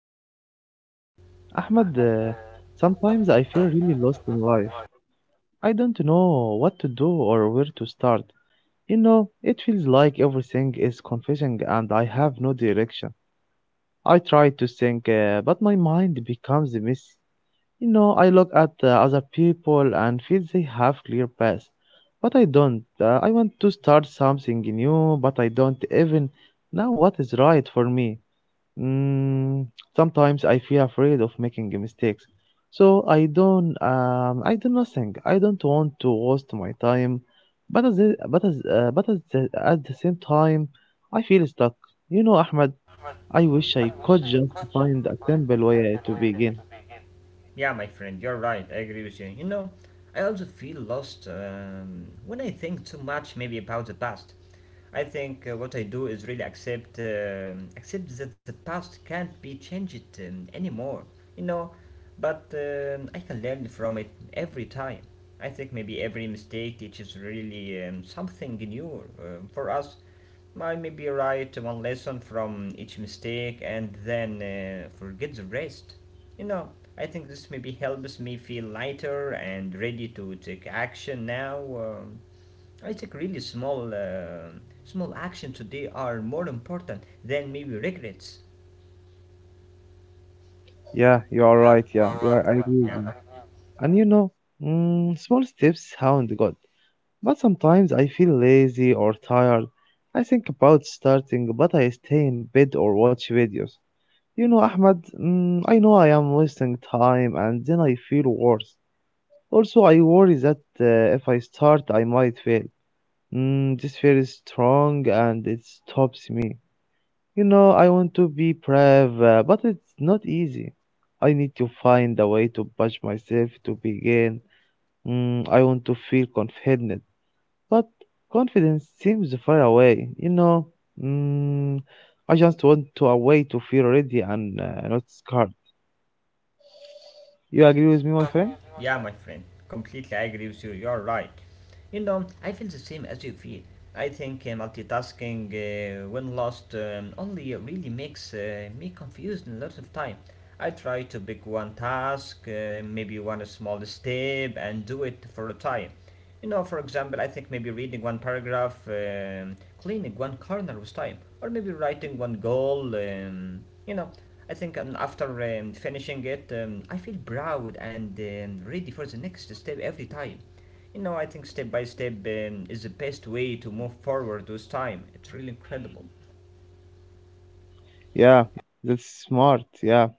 Thank you. Ahmad, sometimes I feel really lost in life. I don't know what to do or where to start. You know, it feels like everything is confusing and I have no direction. I try to think, but my mind becomes a mess. You know, I look at other people and feel they have clear paths, but I don't. I want to start something new, but I don't even know what is right for me. Mm, Sometimes I feel afraid of making mistakes, so I don't. I do nothing. I don't want to waste my time, but as the- but as but at the same time, I feel stuck. You know, Ahmed. I wish I could just find a simple way to begin. Yeah, my friend, you're right. I agree with you. You know, I also feel lost when I think too much maybe about the past. I think what I do is really accept accept that the past can't be changed anymore. You know, but I can learn from it every time. I think maybe every mistake teaches really something new for us. I maybe write one lesson from each mistake and then forget the rest. You know, I think this maybe helps me feel lighter and ready to take action now. I think really small actions today are more important than maybe regrets. Yeah, you are right. I agree with you. And you know, small steps sound good, but sometimes I feel lazy or tired. I think about starting, but I stay in bed or watch videos. You know, Ahmed, I know I am wasting time and then I feel worse. Also, I worry that if I start, I might fail. This fear is strong and it stops me. You know, I want to be brave, but it's not easy. I need to find a way to push myself to begin. I want to feel confident, but confidence seems far away. You know, mm, I just want to a way to feel ready and not scared. You agree with me, my friend? Yeah, my friend, completely I agree with you. You're right. You know, I feel the same as you feel. I think multitasking, when lost, only really makes me confused a lot of time. I try to pick one task, maybe one small step, and do it for a time. You know, for example, I think maybe reading one paragraph, cleaning one corner with time, or maybe writing one goal. You know, I think after finishing it, I feel proud and ready for the next step every time. You know, I think step by step is the best way to move forward with time. It's really incredible. Yeah, that's smart. Yeah.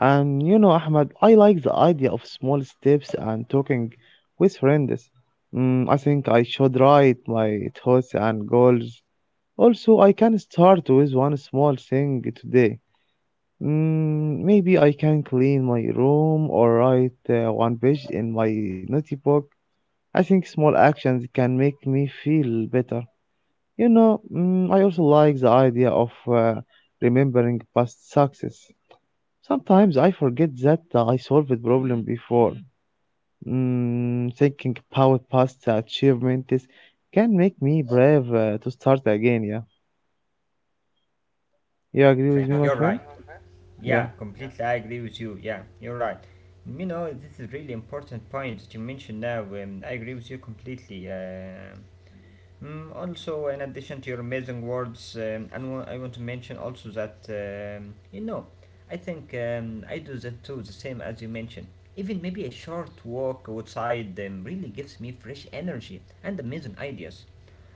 And you know, Ahmed, I like the idea of small steps and talking with friends. I think I should write my thoughts and goals. Also, I can start with one small thing today. Maybe I can clean my room or write one page in my notebook. I think small actions can make me feel better. You know, I also like the idea of remembering past success. Sometimes I forget that I solved a problem before. Thinking about past achievements can make me brave to start again. Yeah, you Yeah, agree my with me, friend, my you're friend? right. Yeah, Yeah, completely, I agree with you. Yeah, you're right. You know, this is really important point that you mentioned now. I agree with you completely. Also, in addition to your amazing words, and I want to mention also that you know, I think I do that too, the same as you mentioned. Even maybe a short walk outside really gives me fresh energy and amazing ideas.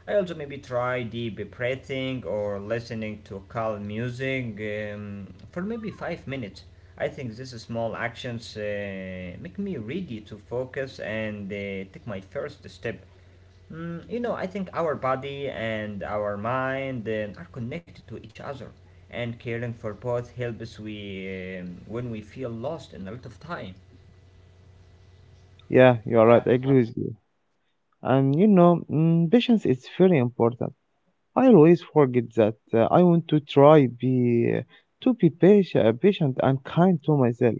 I also maybe try deep breathing or listening to calm music for maybe 5 minutes. I think these small actions make me ready to focus and take my first step. You know, I think our body and our mind are connected to each other, and caring for both helps we when we feel lost in a lot of time. yeah, you are right. I agree with you. And you know, patience is very important. I always forget that. I want to be patient, patient and kind to myself.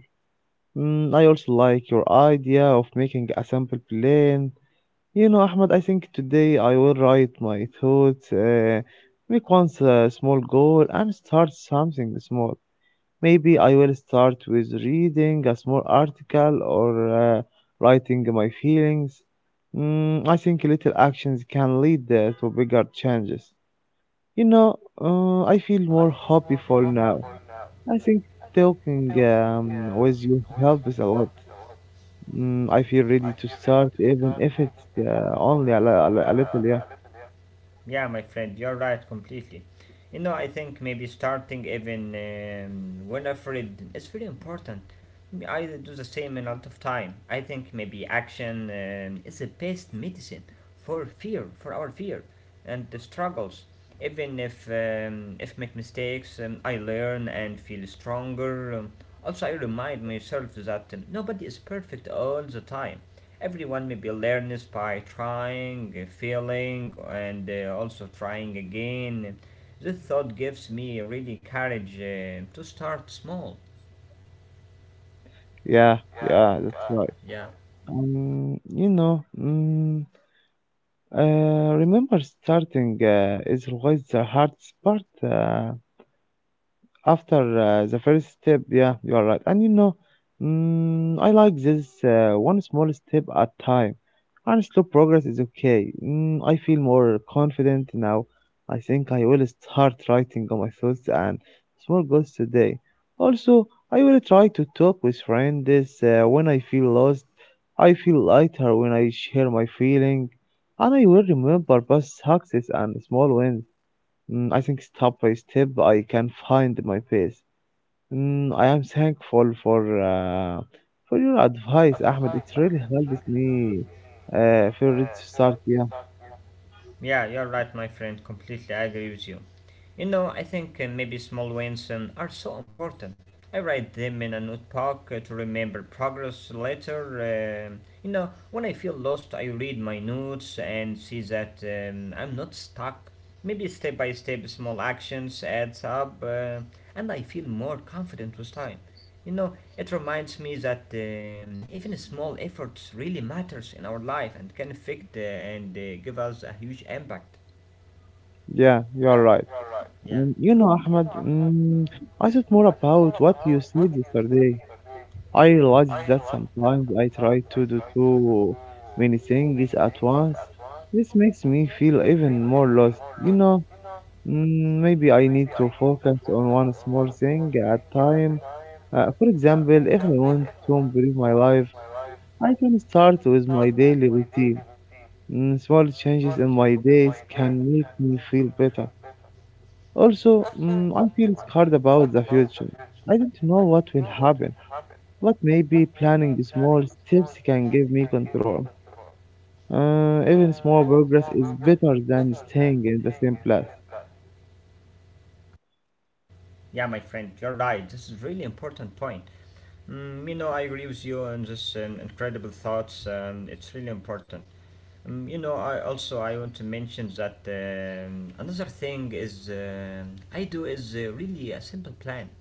I also like your idea of making a sample plan. You know, Ahmed, I think today I will write my thoughts, make once a small goal, and start something small. Maybe I will start with reading a small article or writing my feelings. I think little actions can lead to bigger changes. You know, I feel more hopeful now. I think talking with you helps a lot. I feel ready to start, even if it's only a little. Yeah, Yeah, my friend, you're right completely. You know, I think maybe starting even when afraid is very important. I do the same in a lot of time. I think maybe action is the best medicine for fear, for our fear and the struggles. Even if make mistakes, I learn and feel stronger. Also, I remind myself that nobody is perfect all the time. Everyone maybe learns by trying, failing, and also trying again. This thought gives me really courage to start small. yeah, yeah. That's right. Yeah. You know, remember starting is always the hardest part. After the first step, yeah, you are right. And you know, I like this, one small step at time, and slow progress is okay. I feel more confident now. I think I will start writing on my thoughts and small goals today. Also, I will try to talk with friends when I feel lost. I feel lighter when I share my feeling, and I will remember past success and small wins. I think step by step I can find my pace. I am thankful for your advice, Ahmed. It really helped me for it to start. Yeah, Yeah, you're right, my friend. Completely, I agree with you. You know, I think maybe small wins are so important. I write them in a notebook to remember progress later. You know, when I feel lost, I read my notes and see that I'm not stuck. Maybe step by step, small actions adds up, and I feel more confident with time. You know, it reminds me that even small efforts really matters in our life and can affect and give us a huge impact. yeah, you are right. Yeah, And you know, Ahmed, I thought more about what you said yesterday. I realized that sometimes I try to do too many things at once. This makes me feel even more lost. You know. Maybe I need to focus on one small thing at time. For example, if I want to improve my life, I can start with my daily routine. Small changes in my days can make me feel better. Also, I feel scared about the future. I don't know what will happen, but maybe planning small steps can give me control. Even small progress is better than staying in the same place. yeah, my friend, you're right. This is really important point. You know, I agree with you on this incredible thoughts. It's really important. You know, I also I want to mention that another thing is I do is really a simple plan,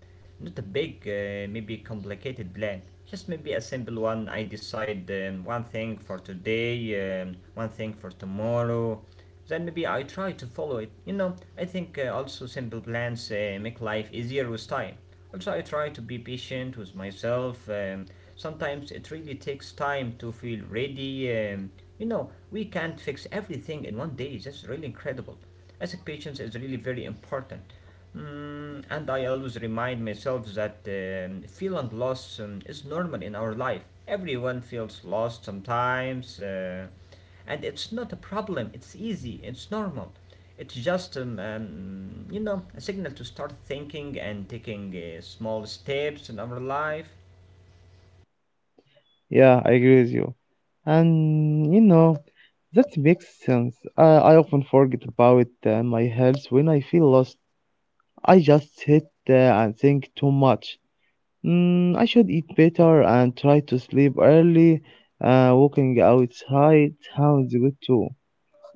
not a big, maybe complicated plan. Just maybe a simple one. I decide one thing for today, one thing for tomorrow. Then maybe I try to follow it. You know, I think also simple plans make life easier with time. Also, I try to be patient with myself. Sometimes it really takes time to feel ready. You know, we can't fix everything in one day. That's really incredible. I think patience is really very important. And I always remind myself that feeling lost is normal in our life. Everyone feels lost sometimes, and it's not a problem. It's easy. It's normal. It's just you know, a signal to start thinking and taking small steps in our life. Yeah, I agree with you. And you know, that makes sense. I often forget about my health when I feel lost. I just sit there and think too much. I should eat better and try to sleep early. Walking outside sounds good too.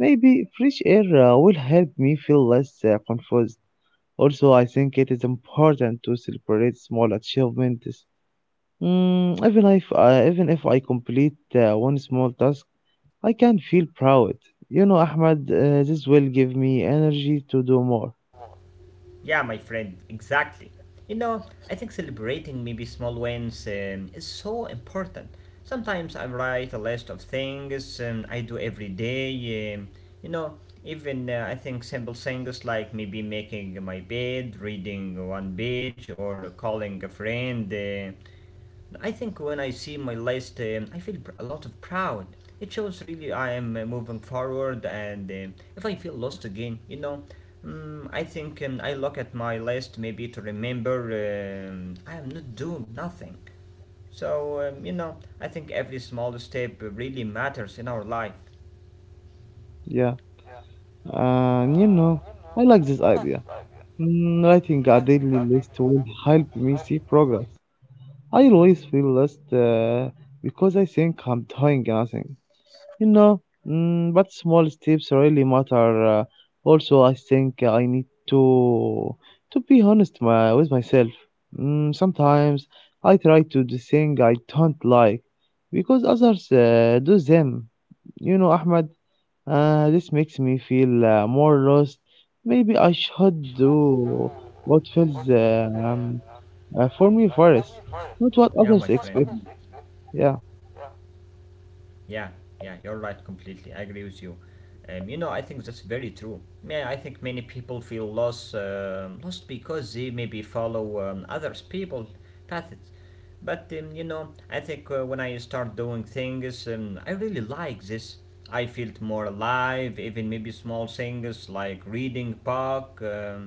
Maybe fresh air will help me feel less confused. Also, I think it is important to celebrate small achievements. Even if I complete one small task, I can feel proud. You know, Ahmad, this will give me energy to do more. Yeah, my friend, exactly. You know, I think celebrating maybe small wins is so important. Sometimes I write a list of things I do every day. You know, even I think simple things like maybe making my bed, reading one page, or calling a friend. I think when I see my list, I feel a lot of proud. It shows really I am moving forward, and if I feel lost again, you know, I think I look at my list maybe to remember I am not doing nothing. So, you know, I think every small step really matters in our life. Yeah, and you know, I like this idea. Writing a daily list will help me see progress. I always feel lost because I think I'm doing nothing. You know, but small steps really matter. Also, I think I need to be honest with myself. Sometimes I try to do things I don't like because others do them. You know, Ahmed, this makes me feel more lost. Maybe I should do what feels for me first, not what Yeah, my others friend. expect. Yeah. Yeah, yeah, you're right completely. I agree with you. You know, I think that's very true. Yeah, I think many people feel lost because they maybe follow others people paths. But you know, I think when I start doing things, I really like this. I feel more alive. Even maybe small things like reading, park. Um,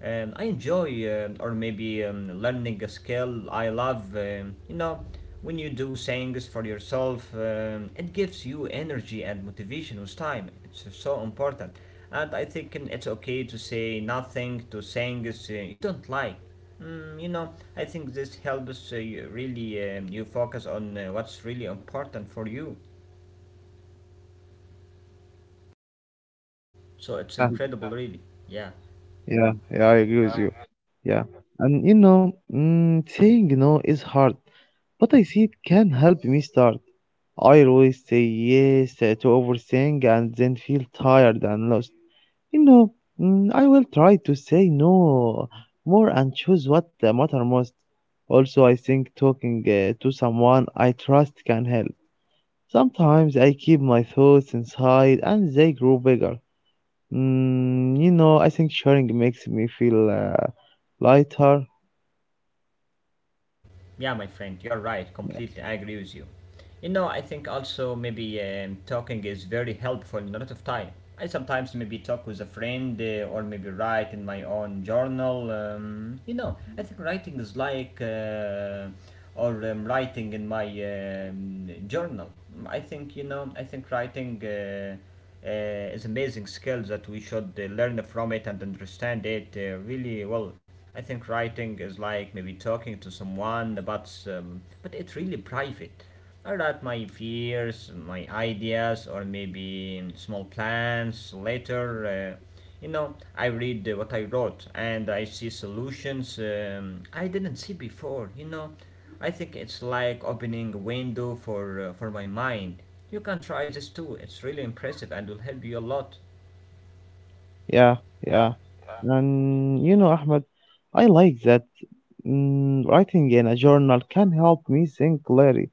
um, I enjoy, or maybe learning a skill I love. You know, when you do things for yourself, it gives you energy and motivation with time. It's so important. And I think it's okay to say nothing to things you don't like. You know, I think this helps you really you focus on what's really important for you. So it's Yeah, incredible, really. Yeah. yeah, yeah, I agree with you. Yeah, and you know, saying no is hard, but I see it can help me start. I always say yes to overthink and then feel tired and lost. You know, I will try to say no more and choose what matter most. Also, I think talking to someone I trust can help. Sometimes I keep my thoughts inside and they grow bigger. You know, I think sharing makes me feel lighter. Yeah, my friend, you're right. Yeah. Completely, I agree with you. You know, I think also maybe talking is very helpful in a lot of time. I sometimes maybe talk with a friend or maybe write in my own journal. You know, I think writing is like. Or writing in my journal. I think you know. I think writing is amazing skill that we should learn from it and understand it really well. I think writing is like maybe talking to someone, but it's really private, write my fears, my ideas, or maybe small plans later. You know, I read what I wrote and I see solutions I didn't see before. You know, I think it's like opening a window for my mind. You can try this too. It's really impressive and will help you a lot. Yeah, yeah. And you know, Ahmed, I like that, writing in a journal can help me think clearly.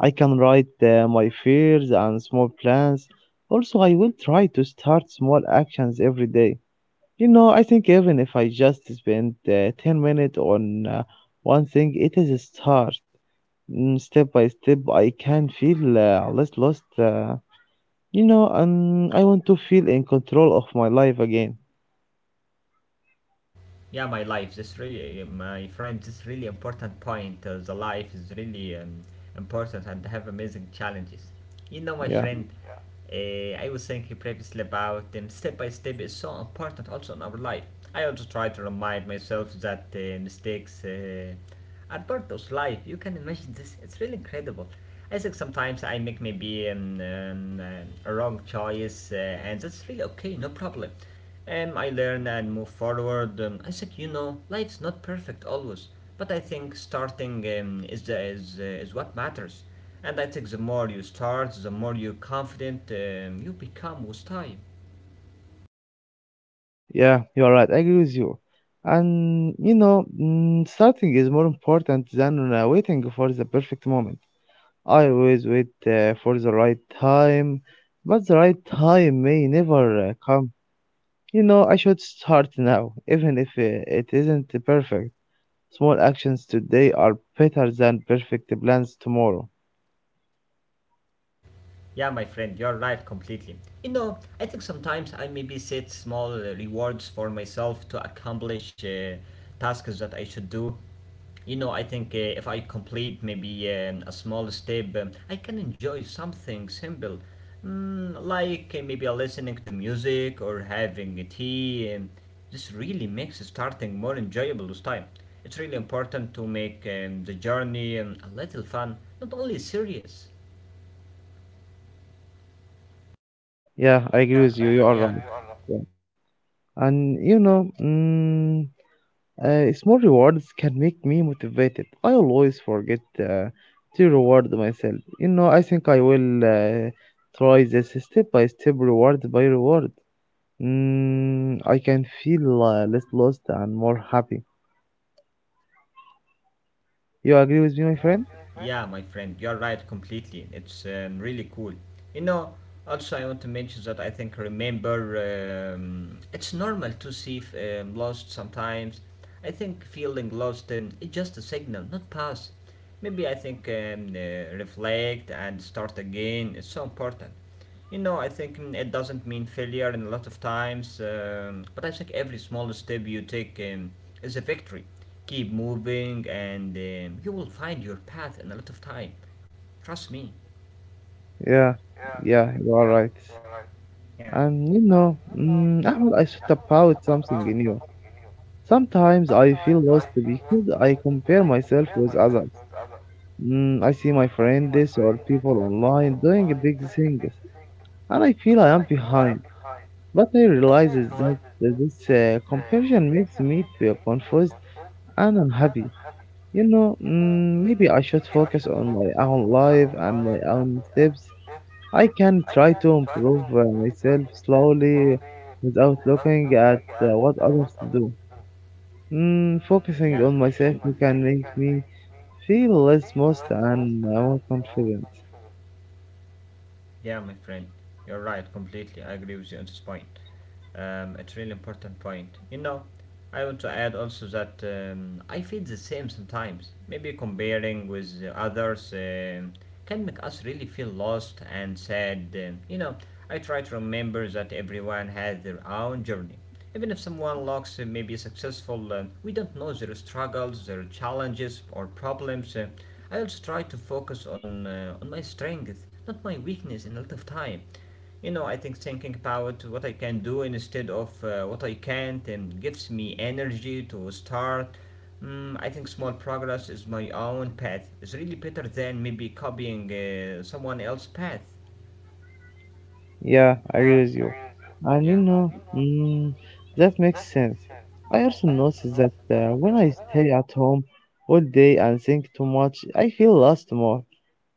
I can write my fears and small plans. Also, I will try to start small actions every day. You know, I think even if I just spend 10 minutes on one thing, it is a start. Step by step, I can feel less lost. You know, I want to feel in control of my life again. Yeah, my life, this really my friend, this really important point. The life is really important and have amazing challenges. You know, my Yeah, friend, I was thinking previously about step by step is so important also in our life. I also try to remind myself that mistakes are part of life. You can imagine this, it's really incredible. I think sometimes I make maybe a wrong choice, and that's really okay, no problem. And I learn and move forward. I said, you know, life's not perfect always, but I think starting is the, is what matters. And I think the more you start, the more you're confident you become with time. yeah, you're right. I agree with you. And you know, starting is more important than waiting for the perfect moment. I always wait for the right time, but the right time may never come. You know, I should start now, even if it isn't perfect. Small actions today are better than perfect plans tomorrow. Yeah, my friend, you're right completely. You know, I think sometimes I maybe set small rewards for myself to accomplish tasks that I should do. You know, I think if I complete maybe a small step, I can enjoy something simple, like maybe listening to music or having a tea. This really makes starting more enjoyable with time. It's really important to make the journey a little fun, not only serious. Yeah, I agree with you. You are right. Yeah. And you know, small rewards can make me motivated. I always forget to reward myself. You know, I think I will try this step by step, reward by reward. I can feel less lost and more happy. You agree with me, my friend? Yeah, my friend, you're right completely. It's really cool. You know, also I want to mention that I think remember it's normal to see lost sometimes. I think feeling lost it's just a signal, not past. Maybe I think reflect and start again is so important. You know, I think it doesn't mean failure in a lot of times, but I think every small step you take is a victory. Keep moving, and you will find your path in a lot of time. Trust me. Yeah, yeah, you are right. Yeah, And you know, Ahmed, I thought about something in you. Sometimes I feel lost because I compare myself with others. I see my friends or people online doing big things, and I feel I am behind. But I realize is that this comparison makes me feel confused and unhappy. You know, maybe I should focus on my own life and my own steps. I can try to improve myself slowly without looking at what others do. Focusing yeah, on myself can make me feel less lost and more confident. yeah, my friend, you're right completely. I agree with you on this point. It's really important point. You know, I want to add also that I feel the same sometimes. Maybe comparing with others can make us really feel lost and sad. I try to remember that everyone has their own journey. Even if someone looks maybe successful, we don't know their struggles, their challenges, or problems. I also try to focus on my strength, not my weakness, in a lot of time. I think thinking about what I can do instead of what I can't, gives me energy to start. I think small progress is my own path. It's really better than maybe copying someone else's path. Yeah, I agree with you. And you Yeah. know, that makes sense. I also notice that when I stay at home all day and think too much, I feel lost more,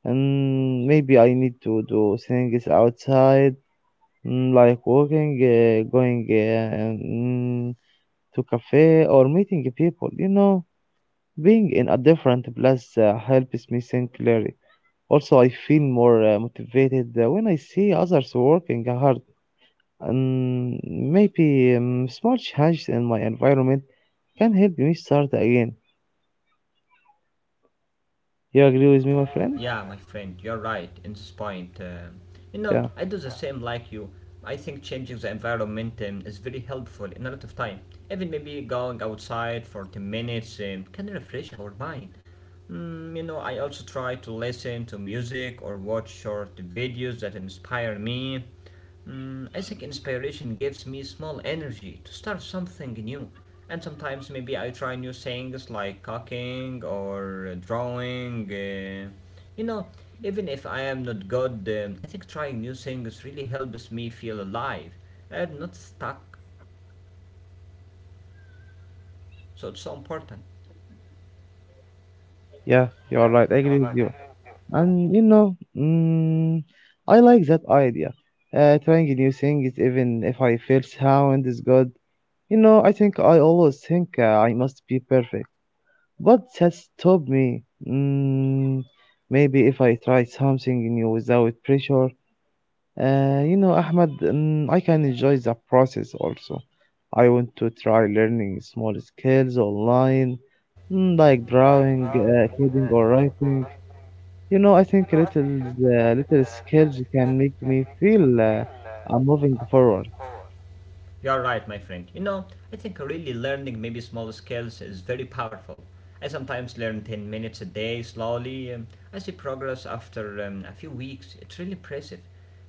and maybe I need to do things outside, like walking, going to cafe, or meeting people. You know, being in a different place helps me think clearly. Also, I feel more motivated when I see others working hard. And maybe small changes in my environment can help me start again. You agree with me, my friend? Yeah, my friend, you're right in this point. You know, Yeah, I do the same like you. I think changing the environment is very helpful in a lot of time. Even maybe going outside for 10 minutes, can refresh our mind. I also try to listen to music or watch short videos that inspire me. I think inspiration gives me small energy to start something new. And sometimes maybe I try new things like cooking or drawing. You know, even if I am not good, I think trying new things really helps me feel alive and not stuck. So it's so important. yeah, you are right. I agree with you. And you know, I like that idea. Trying new things, even if I feel sound is good. You know, I think I always think I must be perfect, but that stopped me. Maybe if I try something new without pressure, you know, Ahmed, I can enjoy the process also. I want to try learning small skills online, like drawing, coding, or writing. You know, I think little skills can make me feel I'm moving forward. You're right, my friend. I think really learning maybe small skills is very powerful. I sometimes learn 10 minutes a day slowly. I see progress after a few weeks. It's really impressive.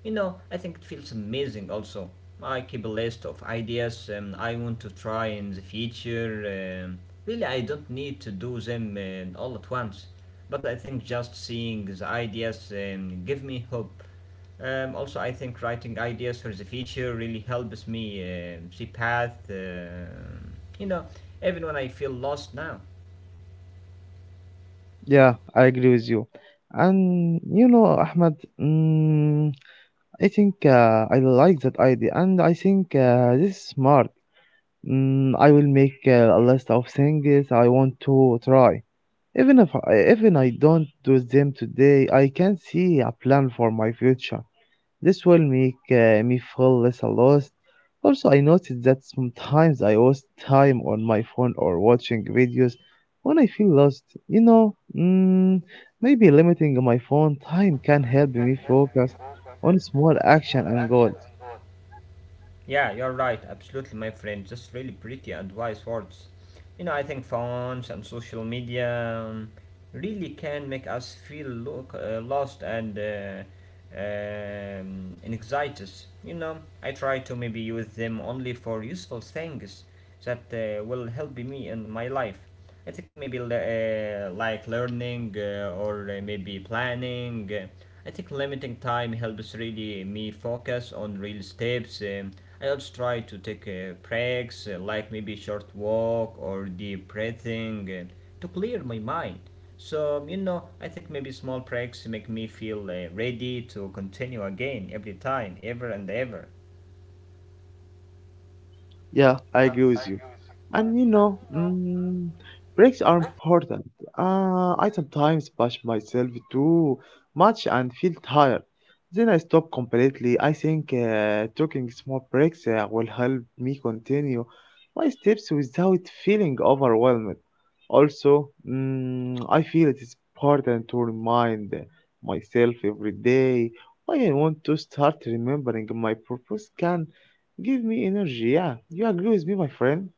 I think it feels amazing also. I keep a list of ideas I want to try in the future. Really, I don't need to do them all at once. But I think just seeing the ideas, give me hope. Also, I think writing ideas for the future really helps me see path. You know, even when I feel lost now. Yeah, I agree with you. And you know, Ahmed, mm, I think I like that idea, and I think this is smart. I will make a list of things I want to try. Even if I don't do them today, I can see a plan for my future. This will make me feel less lost. Also, I noticed that sometimes I waste time on my phone or watching videos when I feel lost. You know, maybe limiting my phone time can help me focus on small action and goals. Yeah, you're right, absolutely, my friend. Just really pretty and wise words. I think phones and social media really can make us feel look, lost and anxiety. You know, I try to maybe use them only for useful things that will help me in my life. I think maybe like learning or maybe planning. I think limiting time helps really me focus on real steps. I also try to take breaks, like maybe short walk or deep breathing, to clear my mind. So I think maybe small breaks make me feel ready to continue again every time, ever and ever. Yeah, I agree with you. And you know, breaks are important. I sometimes push myself too much and feel tired. Then I stop completely. I think taking small breaks will help me continue my steps without feeling overwhelmed. Also, I feel it is important to remind myself every day why I want to start. Remembering my purpose can give me energy. Yeah, you agree with me, my friend?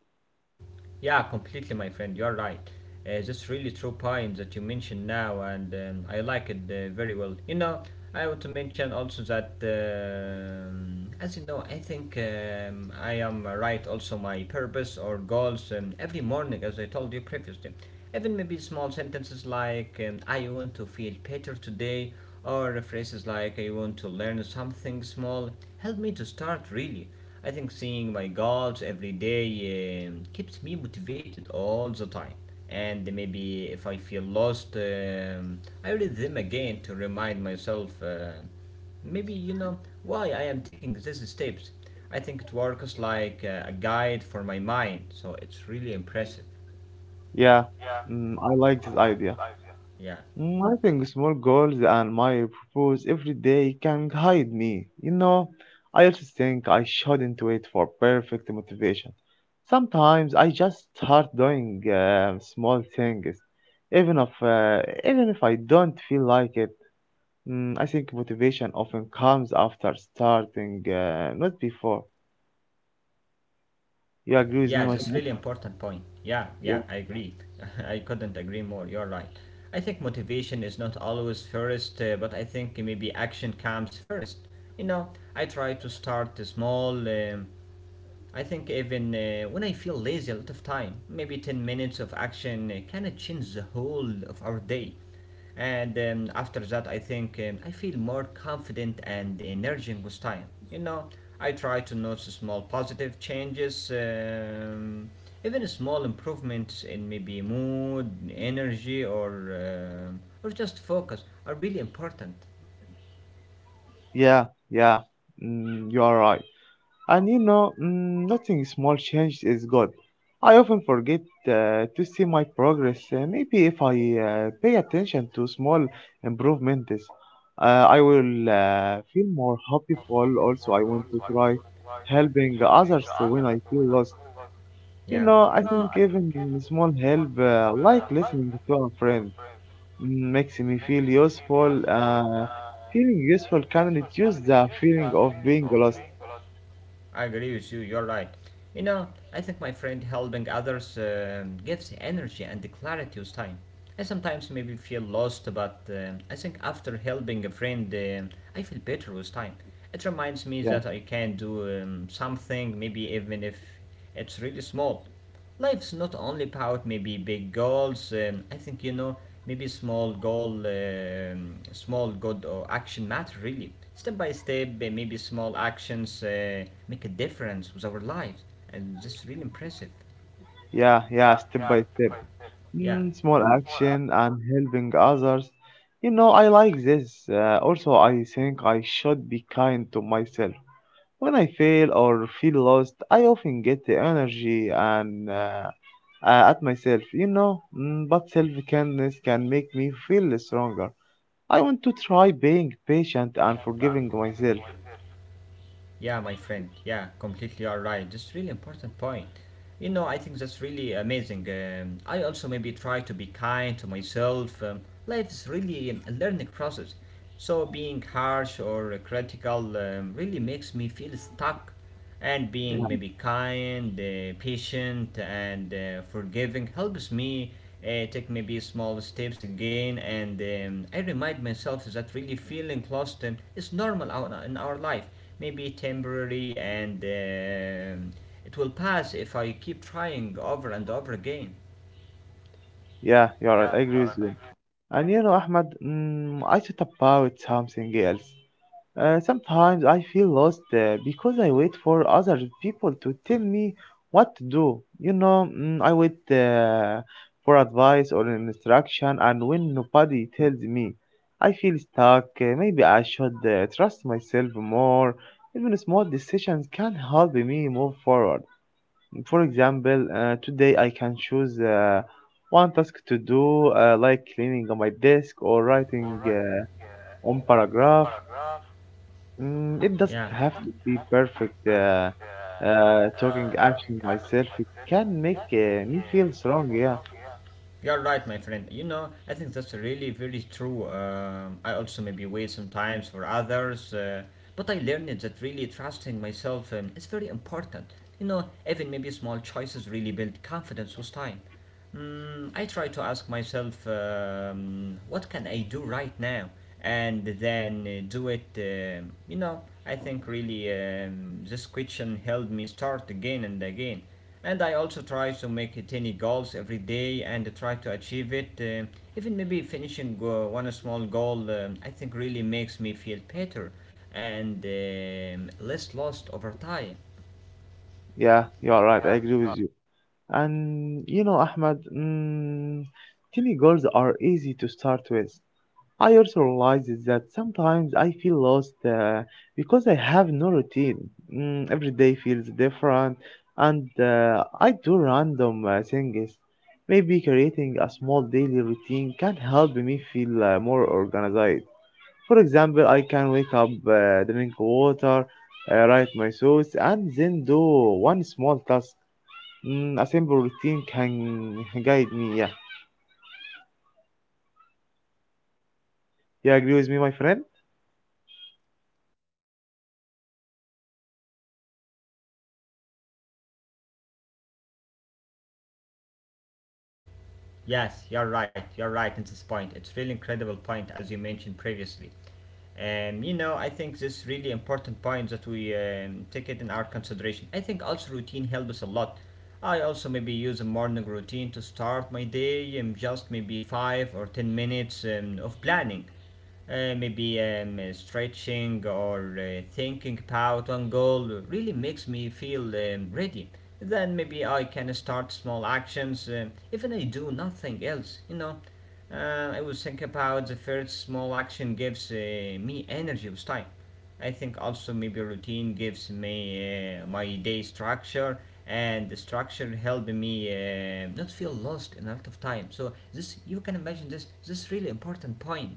Yeah, completely, my friend. You're right. That's really true point that you mentioned now, and I like it very well. I want to mention also that, as you know, I think I am right also my purpose or goals every morning, as I told you previously. Even maybe small sentences like I want to feel better today, or phrases like I want to learn something small, help me to start really. I think seeing my goals every day keeps me motivated all the time. And maybe if I feel lost, I read them again to remind myself maybe you know why I am taking these steps. I think it works like a guide for my mind, so it's really impressive. Yeah, I like this idea. Yeah. I think small goals and my purpose every day can guide me. You know, I also think I shouldn't wait for perfect motivation. Sometimes I just start doing small things, even if I don't feel like it. I think motivation often comes after starting, not before. You agree with me, Yeah, my that's friend? really important point. Yeah, yeah, I agree. I couldn't agree more. You're right. I think motivation is not always first, but I think maybe action comes first. You know, I try to start small. I think even when I feel lazy a lot of time, maybe 10 minutes of action can change the whole of our day. And after that, I think I feel more confident and energizing with time. You know, I try to notice small positive changes, even small improvements in maybe mood, energy, or just focus are really important. Yeah, yeah, you are right. And you know, nothing small change is good. I often forget to see my progress. Maybe if I pay attention to small improvements, I will feel more hopeful. Also, I want to try helping others when I feel lost. You Yeah. know, I think even small help, like listening to a friend makes me feel useful. Feeling useful can reduce the feeling of being lost. I agree with you, you're right. You know, I think my friend helping others gives energy and clarity with time. I sometimes maybe feel lost, but I think after helping a friend, I feel better with time. It reminds me Yeah, that I can do something, maybe even if it's really small. Life's not only about maybe big goals. I think you know maybe small goal, small good or action matter really. Step by step, maybe small actions make a difference with our lives, and that's really impressive. yeah, yeah. Step by step, Yeah. Small action and helping others. You know, I like this. Also, I think I should be kind to myself. When I fail or feel lost, I often get the energy and at myself. You know, but self kindness can make me feel stronger. I want to try being patient and forgiving myself. Yeah, my friend. Yeah, completely all right. That's really important point. I think that's really amazing. I also maybe try to be kind to myself. Life is really a learning process. So being harsh or critical really makes me feel stuck and being Eh, maybe kind, patient, and forgiving helps me take maybe small steps again. And I remind myself that really feeling lost is normal out in our life, maybe temporary, and it will pass if I keep trying over and over again. Yeah, you're right. I agree with you. And you know, Ahmed, I thought about something else. Sometimes I feel lost because I wait for other people to tell me what to do. You know, I wait for advice or instruction, and when nobody tells me, I feel stuck. Maybe I should trust myself more. Even small decisions can help me move forward. For example, today I can choose one task to do, like cleaning on my desk or writing one paragraph. It Yeah. doesn't have to be perfect. Talking action myself, it can make me feel strong. Yeah, You're right, my friend. I think that's really very true. I also maybe wait sometimes for others, but I learned that really trusting myself is very important. You know, even maybe small choices really build confidence with time. I try to ask myself, what can I do right now? And then do it, you know. I think really this question helped me start again and again. And I also try to make tiny goals every day and try to achieve it. Even maybe finishing one small goal, I think really makes me feel better and less lost over time. yeah, you're right. I agree with you. And you know, Ahmad, tiny goals are easy to start with. I also realize is that sometimes I feel lost because I have no routine. Every day feels different, and I do random things. Maybe creating a small daily routine can help me feel more organized. For example, I can wake up, drink water, write my thoughts, and then do one small task. A simple routine can guide me. Yeah, you agree with me, my friend? Yes, you're right. You're right in this point. It's really incredible point as you mentioned previously. I think this really important point that we take it in our consideration. I think also routine helps us a lot. I also maybe use a morning routine to start my day, just maybe 5 or 10 minutes of planning, maybe stretching or thinking about one goal. Really makes me feel ready. Then maybe I can start small actions, even I do nothing else, you know. I was thinking about the first small action gives me energy with time. I think also maybe routine gives me my day structure, and the structure help me not feel lost in a lot of time. So this you can imagine this is really important point.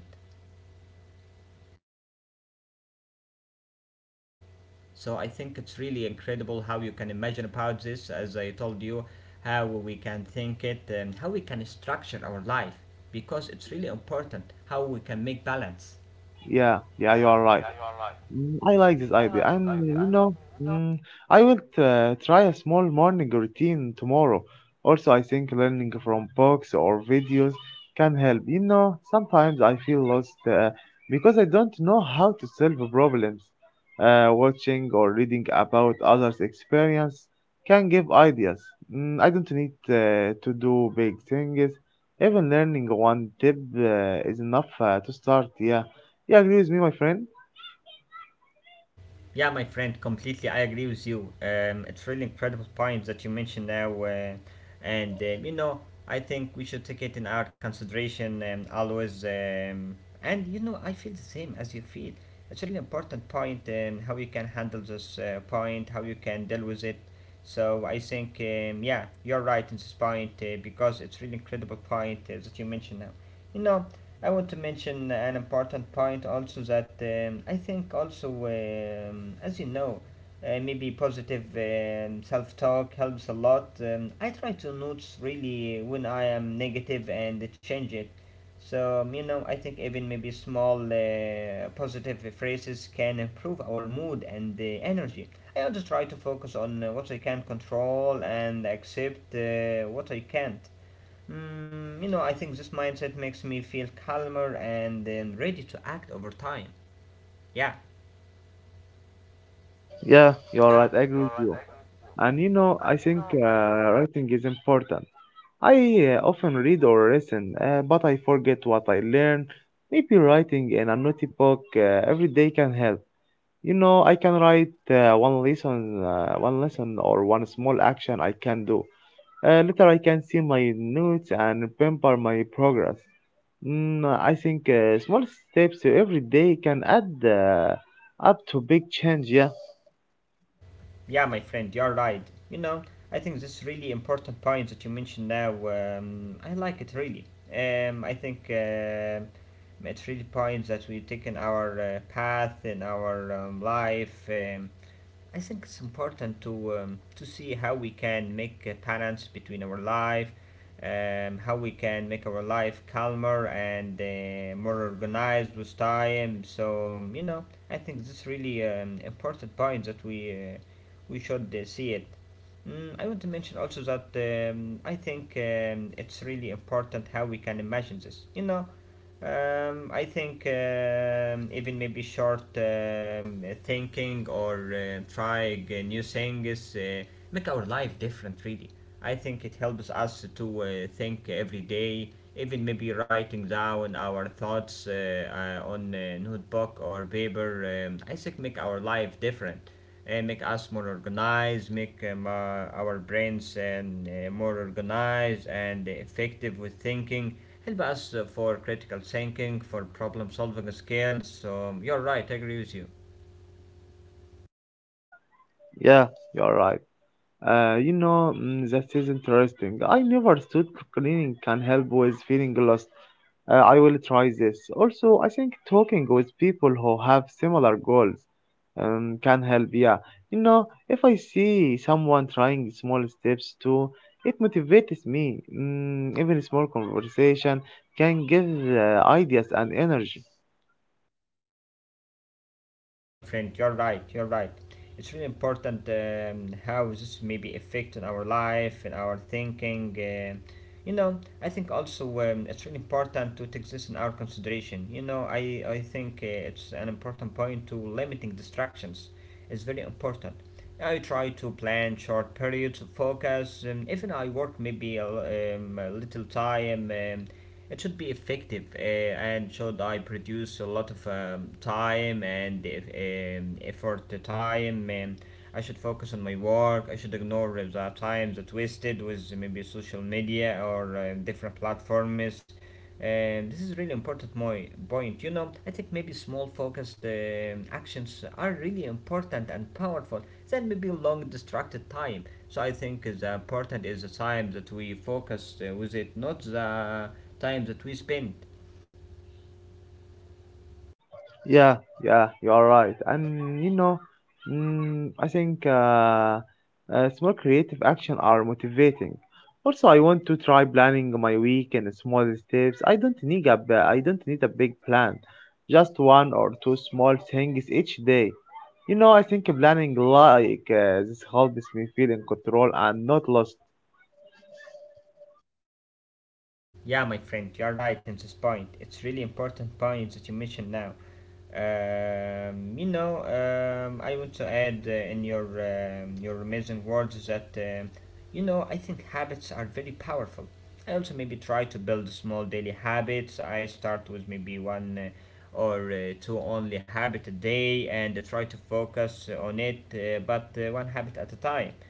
So I think it's really incredible how you can imagine about this, as I told you, how we can think it, and how we can structure our life, because it's really important how we can make balance. Yeah, yeah, you are right. I like this idea, and you know, mm, I will try a small morning routine tomorrow. Also, I think learning from books or videos can help. You know, sometimes I feel lost because I don't know how to solve problems. Watching or reading about others' experience can give ideas. I don't need to do big things. Even learning one tip is enough to start. Yeah, you agree with me, my friend? Yeah, my friend, completely. I agree with you. It's really incredible point that you mentioned now, and you know, I think we should take it in our consideration and always. And you know, I feel the same as you feel. It's really important point how you can handle this point, how you can deal with it. So I think, yeah, you're right in this point because it's really incredible point that you mentioned now. You know, I want to mention an important point also that I think also, as you know, maybe positive self talk helps a lot. I try to notice really when I am negative and change it. So, I think even maybe small positive phrases can improve our mood and energy. I also try to focus on what I can control and accept what I can't. I think this mindset makes me feel calmer and then ready to act over time. Yeah, Yeah, you're right. I agree with you. And you know, I think writing is important. I often read or listen, but I forget what I learn. Maybe writing in a notebook every day can help. You know, I can write one lesson or one small action I can do. Later, I can see my notes and remember my progress. I think small steps every day can add up to big change. Yeah, yeah, my friend, you're right. I think this really important point that you mentioned now. I like it really. I think it's really points that we've taken our path in our life. I think it's important to see how we can make a balance between our life, how we can make our life calmer and more organized with time. So I think this really important point that we should see it. I want to mention also that I think it's really important how we can imagine this. I think even maybe short thinking or trying new things make our life different, really. I think it helps us to think every day, even maybe writing down our thoughts on a notebook or paper. I think make our life different and make us more organized, make our brains more organized and effective with thinking, help us for critical thinking, for problem solving skills. So you're right, I agree with you. yeah, you're right. You know, that is interesting. I never thought cleaning can help with feeling lost. I will try this. Also, I think talking with people who have similar goals, can help. Yeah, you know, if I see someone trying small steps too, it motivates me. Even a small conversation can give ideas and energy. Yeah, my friend, you're right, you're right. It's really important how this may be affecting our life and our thinking. I think also it's really important to take this in our consideration. You know, I think it's an important point to limiting distractions is very important. I try to plan short periods of focus. Even I work maybe a little time. It should be effective and should I produce a lot of time and effort to time. I should focus on my work. I should ignore the time that wasted with maybe social media or different platforms. This is really important my point. You know, I think maybe small focused actions are really important and powerful than maybe long distracted time. So I think the important is the time that we focus with it, not the time that we spend. Yeah, yeah, you are right. And you know, I think small creative action are motivating. Also, I want to try planning my week in small steps. I don't need a big plan, just one or two small things each day. You know, I think planning like this helps me feel in control and not lost. Yeah, my friend, you're right in this point. It's really important point that you mentioned now. I want to add in your amazing words that you know I think habits are very powerful. I also maybe try to build small daily habits. I start with maybe one or two only habit a day and try to focus on it, but one habit at a time.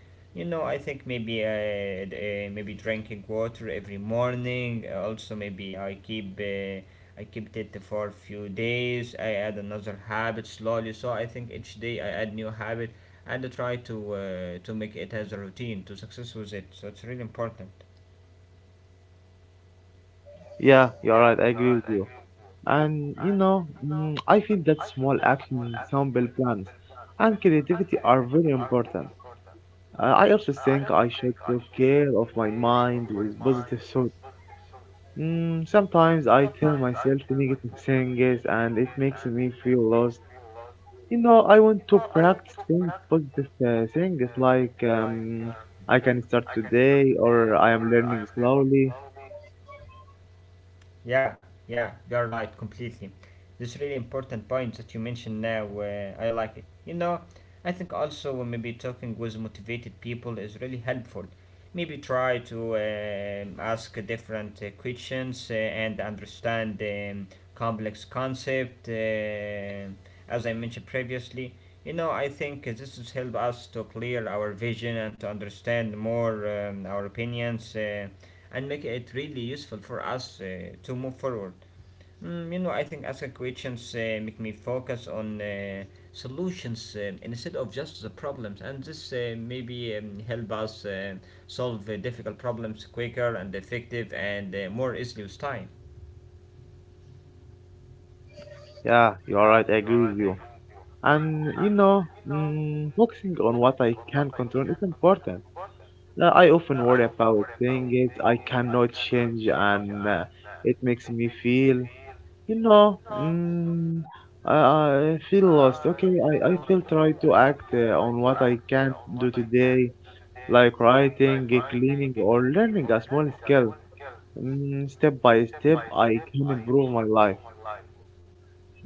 You know, I think maybe maybe drinking water every morning. Also maybe I keep I kept it for a few days. I add another habit slowly, so I think each day I add new habit and I try to make it as a routine to success with it, so it's really important. Yeah, you are right. I agree with you. And you know, I feel that small actions, simple plans, and creativity are very important. I also think I should take care of my mind with positive thoughts. Sometimes I tell myself negative things and it makes me feel lost. You know, I want to practice things, positive things like I can start today or I am learning slowly. Yeah, yeah, you're right, completely. This really important point that you mentioned now, I like it. You know, I think also maybe talking with motivated people is really helpful. Maybe try to ask different questions and understand complex concept, as I mentioned previously. You know, I think this has helped us to clear our vision and to understand more our opinions and make it really useful for us to move forward. Mm, you know, I think asking questions make me focus on solutions instead of just the problems, and this maybe help us solve difficult problems quicker and effective and more easily with time. Yeah, you are right, I agree with you. And you know focusing on what I can control is important. I often worry about things I cannot change and it makes me feel you know mm, I feel lost. Okay, I still try to act on what I can do today, like writing cleaning, or learning a small skill. Step by step, I can improve my life.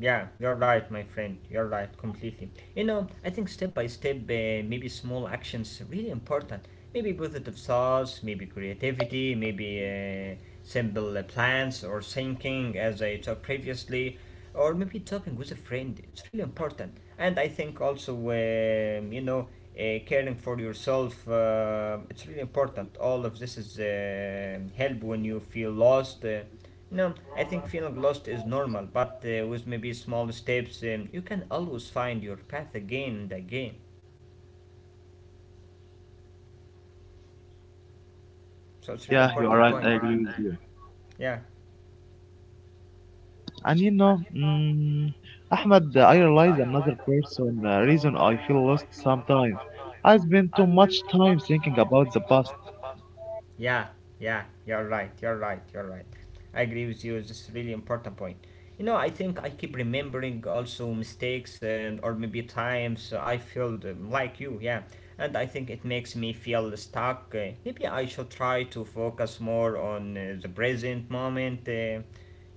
Yeah, you're right, my friend. You're right, completely. You know, I think step by step, maybe small actions really important. Maybe positive thoughts, maybe creativity, maybe simple plans or thinking, as I talked previously, or maybe talking with a friend. It's really important. And I think also, caring for yourself, it's really important. All of this is help when you feel lost. No, I think feeling lost is normal, but with maybe small steps, you can always find your path again and again. So it's Yeah, really you are right, important I point. agree with you. Yeah, Yeah. And you know, Ahmed, I realize another person reason I feel lost sometimes. I spend too much time thinking about the past. yeah, yeah, you're right, you're right, you're right. I agree with you, this is really important point. You know, I think I keep remembering also mistakes and or maybe times I felt like you, yeah. And I think it makes me feel stuck. Maybe I should try to focus more on the present moment.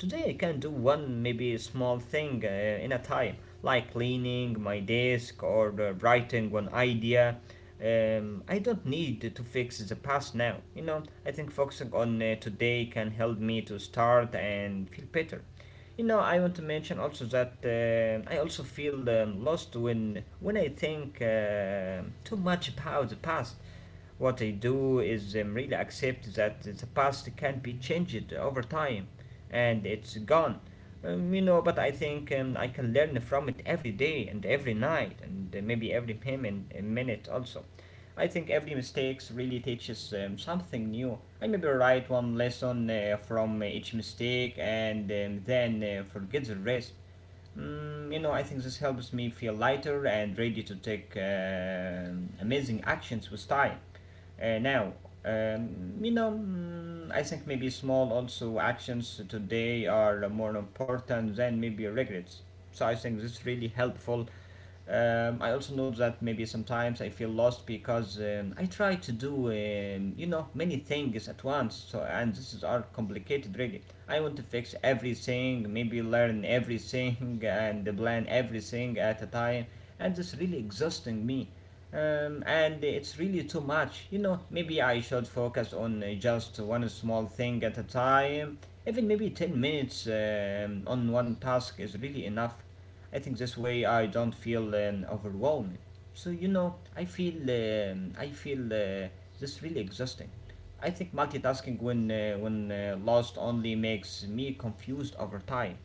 Today I can do one maybe small thing in a time, like cleaning my desk or writing one idea. I don't need to fix the past now. You know, I think focusing on today can help me to start and feel better. You know, I want to mention also that I also feel lost when I think too much about the past. What I do is really accept that the past can be changed over time, and it's gone. But I think I can learn from it every day and every night, and maybe minute also. I think every mistakes really teaches something new. I maybe write one lesson from each mistake and then forget the rest. Mm, you know, I think this helps me feel lighter and ready to take amazing actions with time. Now, you know, mm, I think maybe small also actions today are more important than maybe regrets. So I think this is really helpful. I also know that maybe sometimes I feel lost because I try to do, many things at once. So and this is are complicated really. I want to fix everything, maybe learn everything and plan everything at a time, and this really exhausting me. And it's really too much. You know, maybe I should focus on just one small thing at a time. Even maybe 10 minutes on one task is really enough. I think this way I don't feel overwhelmed. So you know, I feel this really exhausting. I think multitasking when lost only makes me confused over time.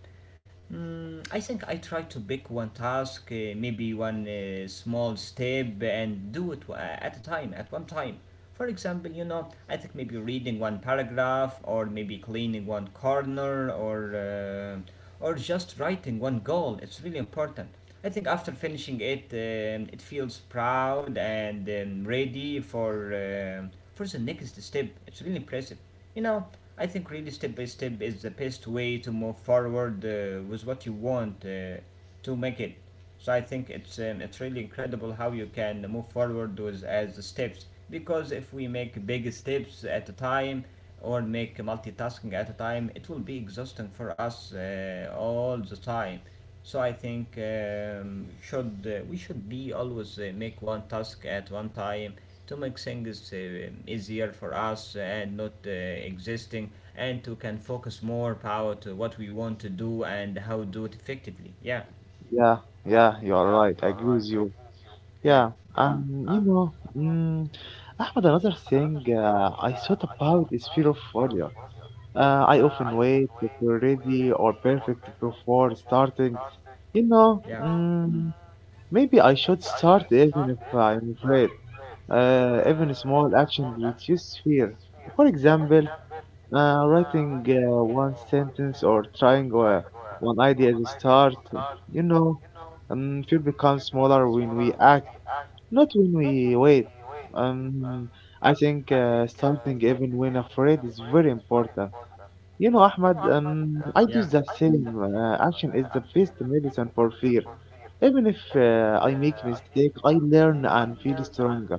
Mm, I think I try to pick one task, maybe one small step, and do it at a time, at one time. For example, you know, I think maybe reading one paragraph, or maybe cleaning one corner, or just writing one goal. It's really important. I think after finishing it, it feels proud and ready for the next step. It's really impressive. You know, I think really step by step is the best way to move forward with what you want to make it. So I think it's really incredible how you can move forward with as the steps, because if we make big steps at a time or make multitasking at a time, it will be exhausting for us all the time. So I think should we should be always make one task at one time to make things easier for us and not existing and to can focus more power to what we want to do and how do it effectively. Yeah, Yeah, yeah, you are right. I agree with you. yeah. Yeah, and you know, Ahmed, another thing I thought about is fear of failure. I often wait to for ready or perfect before starting. You know, Yeah, maybe I should start even if I'm afraid. Even small action reduces fear. For example, writing one sentence or trying one idea to start. You know, fear becomes smaller when we act, not when we wait. Um, I think starting even when afraid is very important. You know, Ahmad, I do yeah, the same. Action is the best medicine for fear. Even if I make mistake, I learn and feel stronger.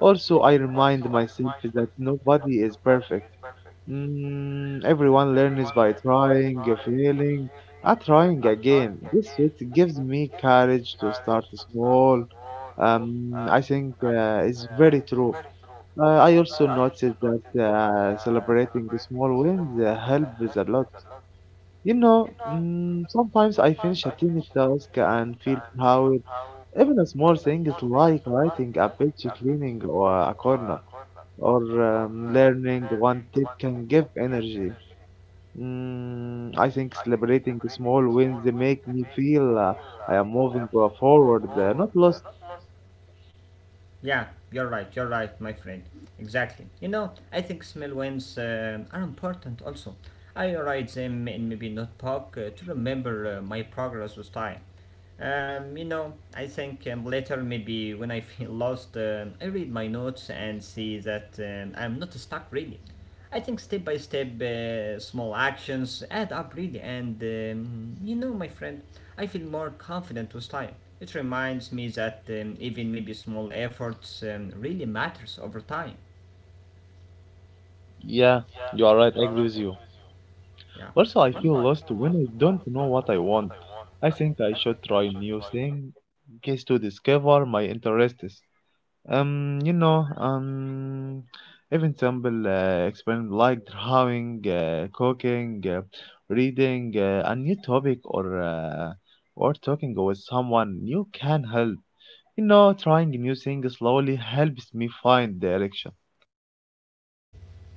Also, I remind myself that nobody is perfect. Everyone learns by trying, failing, and trying again. This it gives me courage to start small. I think it's very true. I also noticed that celebrating the small wins helps a lot. You know, sometimes I finish a tiny task and feel proud. Even a small thing is like writing a page, cleaning or a corner or learning one tip can give energy. I think celebrating the small wins they make me feel I am moving forward, not lost. yeah, you're right, my friend. Exactly. You know, I think smell wins are important also. I write them in maybe notebook to remember my progress with time. I think later, maybe when I feel lost, I read my notes and see that I'm not stuck really. I think step by step, small actions add up really, and you know, my friend, I feel more confident with time. It reminds me that even maybe small efforts really matters over time. Yeah, you are right. I agree with you. Yeah. Also, I feel lost when I don't know what I want. I think I should try new things to discover my interests. You know, even simple experiment like drawing, cooking, reading a new topic, or talking with someone you can help. You know, trying new things slowly helps me find direction.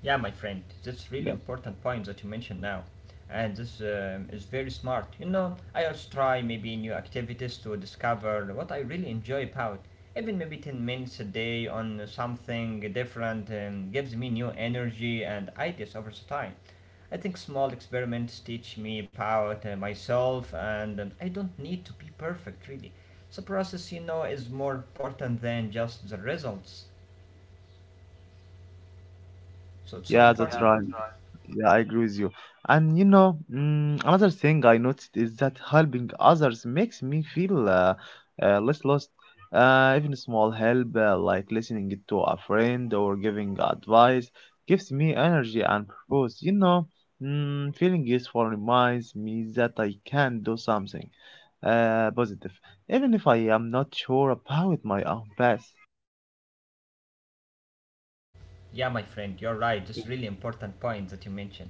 Yeah, my friend, that's really Yeah, important point that you mentioned now. And this is very smart. You know, I also try maybe new activities to discover what I really enjoy about. Even maybe 10 minutes a day on something different gives me new energy and ideas over the time. I think small experiments teach me about myself and I don't need to be perfect really. The process, you know, is more important than just the results. So it's so yeah, that's important. right. Yeah, I agree with you. And you know, another thing I noticed is that helping others makes me feel less lost. Even small help, like listening to a friend or giving advice, gives me energy and purpose. You know, feeling useful reminds me that I can do something positive, even if I am not sure about my own path. Yeah, my friend, you're right. Just really important point that you mentioned.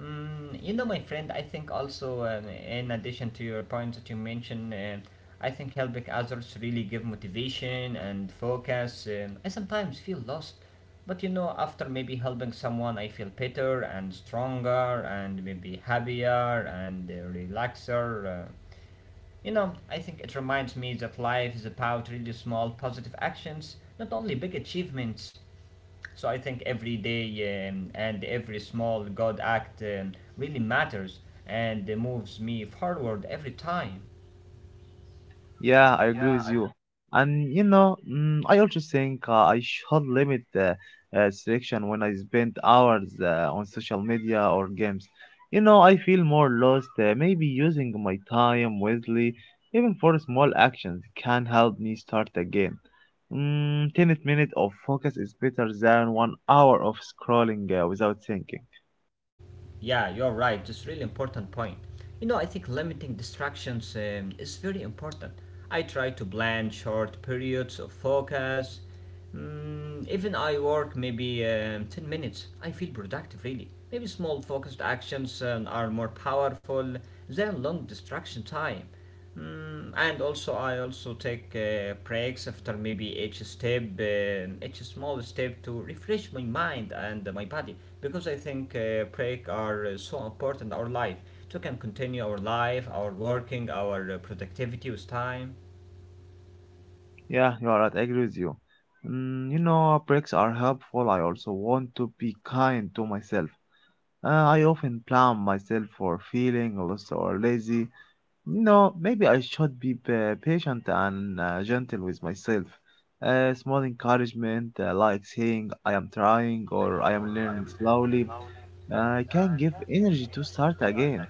Mm, you know, my friend, I think also in addition to your points that you mentioned, I think helping others really give motivation and focus. I sometimes feel lost, but you know, after maybe helping someone, I feel better and stronger and maybe happier and relaxer. You know, I think it reminds me that life is about really small positive actions, not only big achievements. So I think every day and every small God act really matters and moves me forward every time. Yeah, I agree with you. And you know, I also think I should limit selection when I spend hours on social media or games. You know, I feel more lost. Maybe using my time wisely, even for small actions, can help me start again. 10 minutes of focus is better than 1 hour of scrolling without thinking. Yeah, you're right. Just really important point. You know, I think limiting distractions is very important. I try to plan short periods of focus. Mm, even I work maybe 10 minutes. I feel productive really. Maybe small focused actions are more powerful than long distraction time. Mm, and also I also take breaks after maybe each step, each small step to refresh my mind and my body, because I think break are so important in our life to can continue our life, our working, our productivity with time. Yeah, you are right. I agree with you. You know, breaks are helpful. I also want to be kind to myself. I often blame myself for feeling lost or lazy. No, maybe I should be patient and gentle with myself. Small encouragement, like saying I am trying or I am learning slowly, can give energy to start again.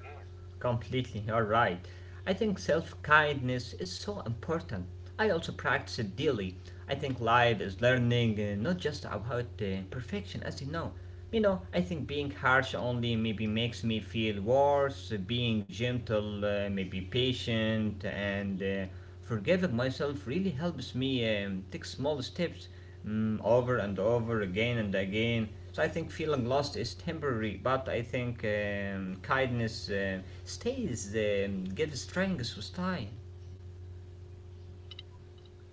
Completely, you're right. I think self kindness is so important. I also practice it daily. I think life is learning not just about perfection, as you know. You know, I think being harsh only maybe makes me feel worse, being gentle, maybe patient, and forgiving myself really helps me take small steps over and over again and again. So I think feeling lost is temporary, but I think kindness stays, gives strength with time.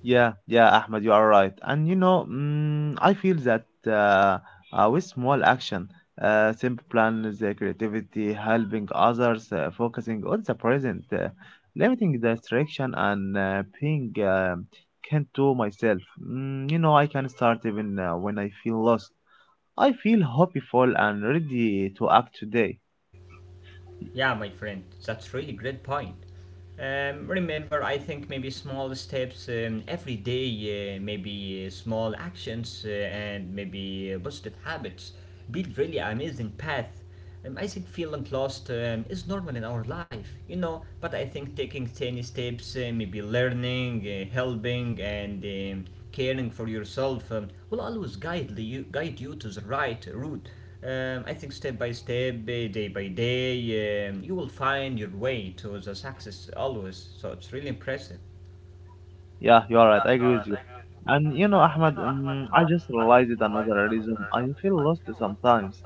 Yeah, yeah, Ahmed, you are right. And you know, mm, I feel that with small action, simple plans, creativity, helping others, focusing on the present, limiting distraction, and being kind to myself. Mm, you know, I can start even when I feel lost. I feel hopeful and ready to act today. Yeah, my friend, that's really great point. Remember, I think maybe small steps every day, maybe small actions and maybe positive habits build really amazing path. I think feeling lost is normal in our life. But I think taking tiny steps, maybe learning, helping, and caring for yourself will always guide you to the right route. I think step by step, day by day, you will find your way to the success always. So it's really impressive. Yeah, you are right. I agree with you. And you know, Ahmad, I just realized another reason I feel lost sometimes.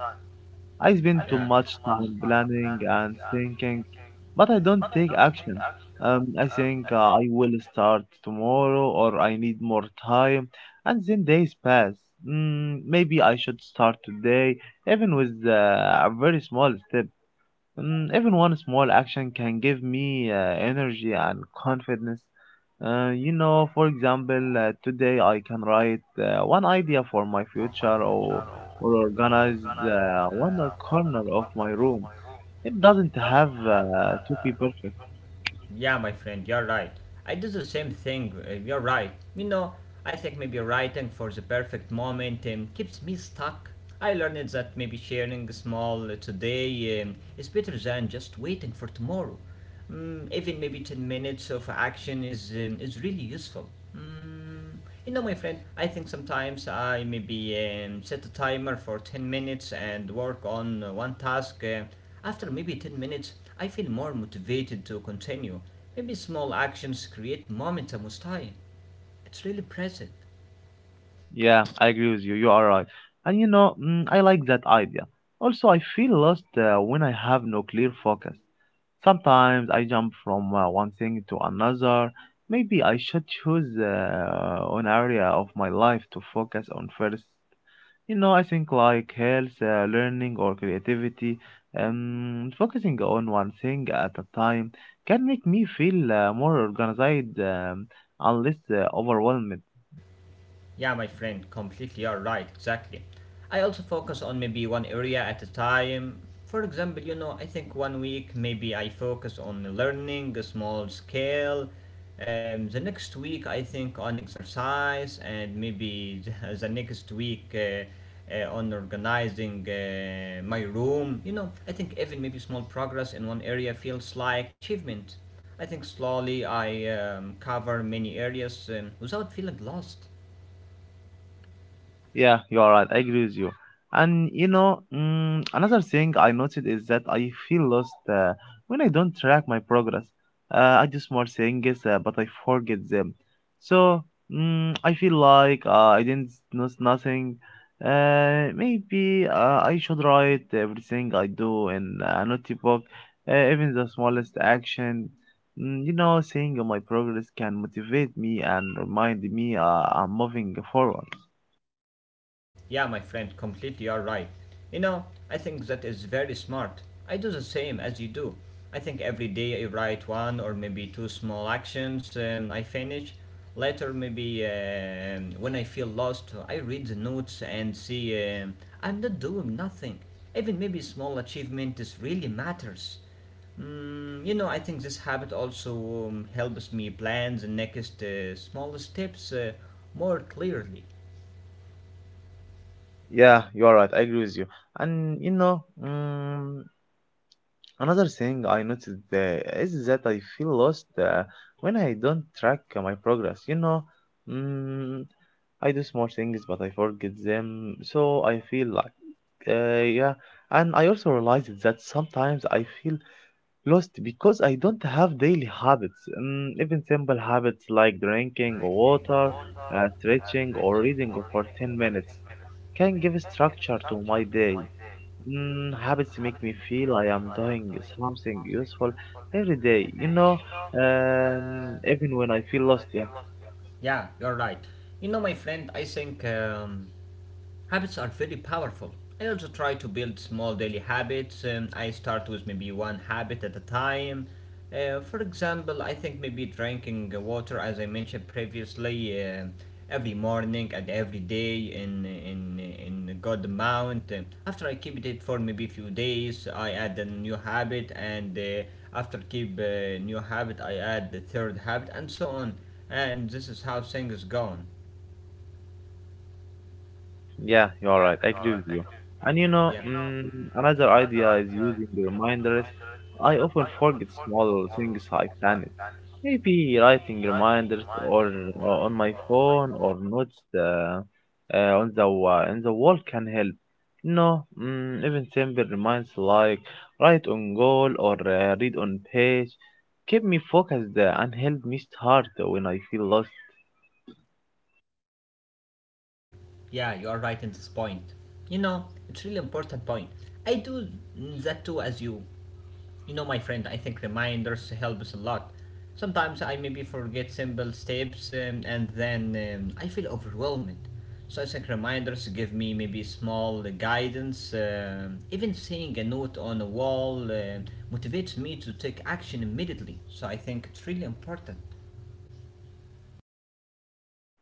I spend too Yeah, much time planning and thinking, but I don't take action. I think I will start tomorrow or I need more time, and then days pass. Mm, maybe I should start today, even with a very small step. Even one small action can give me energy and confidence. You know, for example, today I can write one idea for my future or organize one corner of my room. It doesn't have to be perfect. yeah, my friend, you're right. I do the same thing. You're right. You know, I think maybe writing for the perfect moment keeps me stuck. I learned that maybe sharing small today is better than just waiting for tomorrow. Even maybe 10 minutes of action is really useful. Mm, Mm, You know, my friend, I think sometimes I maybe set a timer for 10 minutes and work on one task. After maybe 10 minutes, I feel more motivated to continue. Maybe small actions create momentum with time. It's really present. Yeah, I agree with you. You are right. And you know, mm, I like that idea. Also, I feel lost when I have no clear focus. Sometimes I jump from one thing to another. Maybe I should choose an area of my life to focus on first. You know, I think like health, learning, or creativity. Focusing on one thing at a time can make me feel more organized and less overwhelmed. Yeah, my friend, completely. You're right, exactly. I also focus on maybe one area at a time. For example, you know, I think one week maybe I focus on learning a small scale. The next week I think on exercise, and maybe the next week on organizing my room. You know, I think even maybe small progress in one area feels like achievement. I think slowly I cover many areas without feeling lost. Yeah, you are right. I agree with you. And you know, mm, another thing I noticed is that I feel lost when I don't track my progress. I do small things, but I forget them. So mm, I feel like I didn't know nothing. Maybe I should write everything I do in a notebook, even the smallest action. Mm, you know, seeing my progress can motivate me and remind me I'm moving forward. Yeah, my friend, completely are right. You know, I think that is very smart. I do the same as you do. I think every day I write one or maybe two small actions I finish. Later, maybe when I feel lost, I read the notes and see um, I'm not doing nothing. Even maybe small achievements really matters. You know, I think this habit also helps me plan the next small steps more clearly. Yeah, you are right. I agree with you. And you know, mm, another thing I noticed is that I feel lost when I don't track my progress. You know, mm, I do small things, but I forget them, so I feel like, yeah. And I also realized that sometimes I feel lost because I don't have daily habits, mm, even simple habits like drinking water, stretching, or reading for 10 minutes can give structure to my day. Mm, habits make me feel I am doing something useful every day, you know, even when I feel lost. Yeah. Yeah, you're right. You know, my friend, I think habits are very powerful. I also try to build small daily habits. I start with maybe one habit at a time. For example, I think maybe drinking water, as I mentioned previously, every morning and every day in a good amount. After I keep it for maybe a few days, I add a new habit, and after keep a new habit, I add the third habit, and so on. And this is how things is going. Yeah, you are right. I agree with you. And you Yeah. know, mm, another idea is using the reminders. I often forget small things I planned. Maybe writing reminders or on my phone or notes on the on the wall can help. No, mm, even simple reminds like write on goal or read on page keep me focused and help me start when I feel lost. Yeah, you are right in this point. You know, it's really important point. I do that too as you. You know, my friend, I think reminders help us a lot. Sometimes I maybe forget simple steps and then I feel overwhelmed. So I think reminders give me maybe small guidance. Even seeing a note on a wall motivates me to take action immediately. So I think it's really important.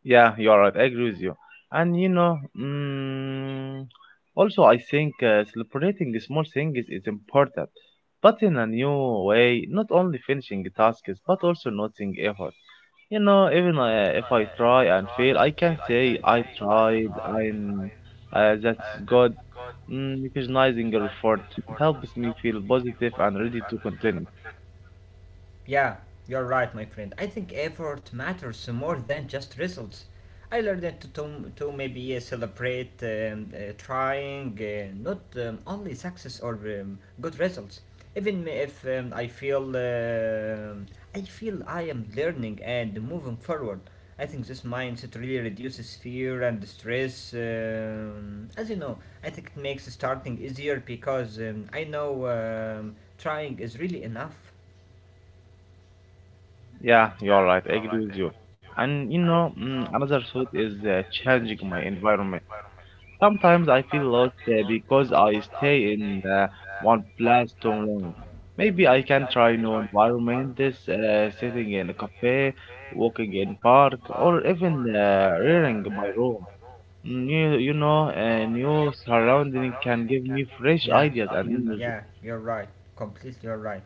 Yeah, you are right. I agree with you. And you know, mm, also I think celebrating small things is important, but in a new way. Not only finishing tasks, but also noting effort. You know, even if I try and fail, I can say I tried. And that's good. Mm, recognizing your effort helps me feel positive and ready to continue. Yeah, you're right, my friend. I think effort matters more than just results. I learned that to maybe celebrate trying, not only success or good results. Even if I feel I feel I am learning and moving forward. I think this mindset really reduces fear and stress. As you know, I think it makes starting easier because I know trying is really enough. Yeah, you are right. I agree with you. And you know, mm, another thought is changing my environment. Sometimes I feel lost because I stay in one place too long. Maybe I can try new environments, sitting in a cafe, walking in park, or even reading my room. You know, a new surrounding can give me fresh Yeah. ideas and energy. Yeah, you're right. Completely you're right.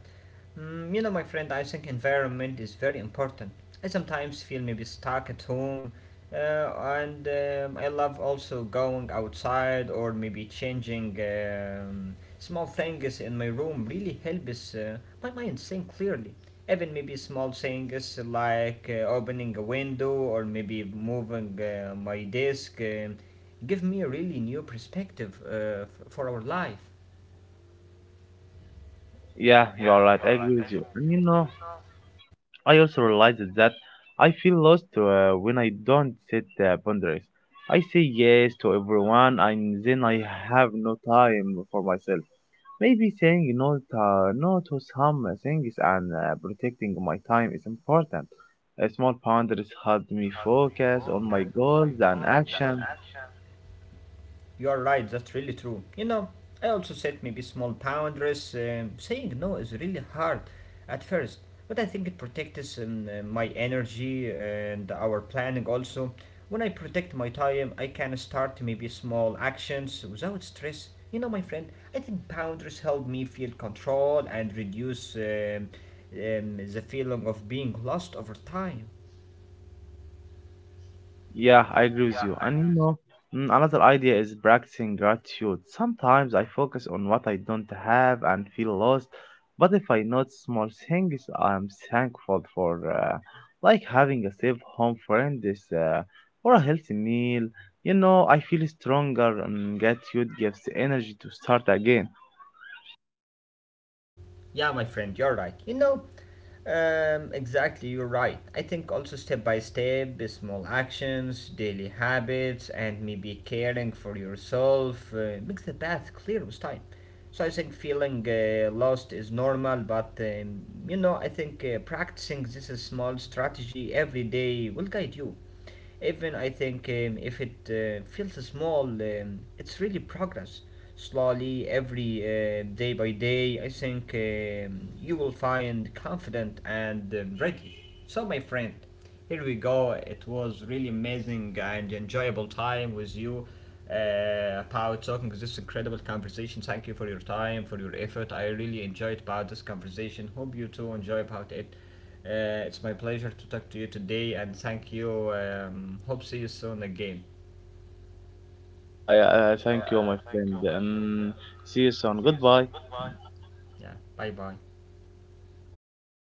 You know, my friend, I think environment is very important. I sometimes feel maybe stuck at home, uh, and I love also going outside or maybe changing small things in my room really helps my mind think clearly. Even maybe small things like opening a window or maybe moving my desk give me a really new perspective for our life. Yeah, you are right. I agree with you. And you know, I also realized that I feel lost when I don't set boundaries. I say yes to everyone, and then I have no time for myself. Maybe saying no to some things and protecting my time is important. Small boundaries help me focus on my goals and actions. You're right, that's really true. You know, I also set maybe small boundaries. Saying no is really hard at first, but I think it protects my energy and our planning also. When I protect my time, I can start maybe small actions without stress. You know, my friend, I think boundaries help me feel control and reduce the feeling of being lost over time. Yeah, I agree with you. And you know, mm, another idea is practicing gratitude. Sometimes I focus on what I don't have and feel lost, but if I notice small things I'm thankful for, like having a safe home friend this, or a healthy meal, you know, I feel stronger and gratitude gives the energy to start again. Yeah, my friend, you're right. You know, exactly, you're right. I think also step by step, the small actions, daily habits, and maybe caring for yourself makes the path clear with time. So I think feeling lost is normal, but you know, I think practicing this small strategy every day will guide you. Even I think if it feels small, it's really progress. Slowly, every day by day, I think you will find confident and ready. So, my friend, here we go. It was really amazing and enjoyable time with you about talking this incredible conversation. Thank you for your time, for your effort. I really enjoyed about this conversation. Hope you too enjoy about it. It's my pleasure to talk to you today and thank you. Hope see you soon again. Yeah, yeah, thank you, my friend. See you soon. Goodbye. Yeah, bye bye.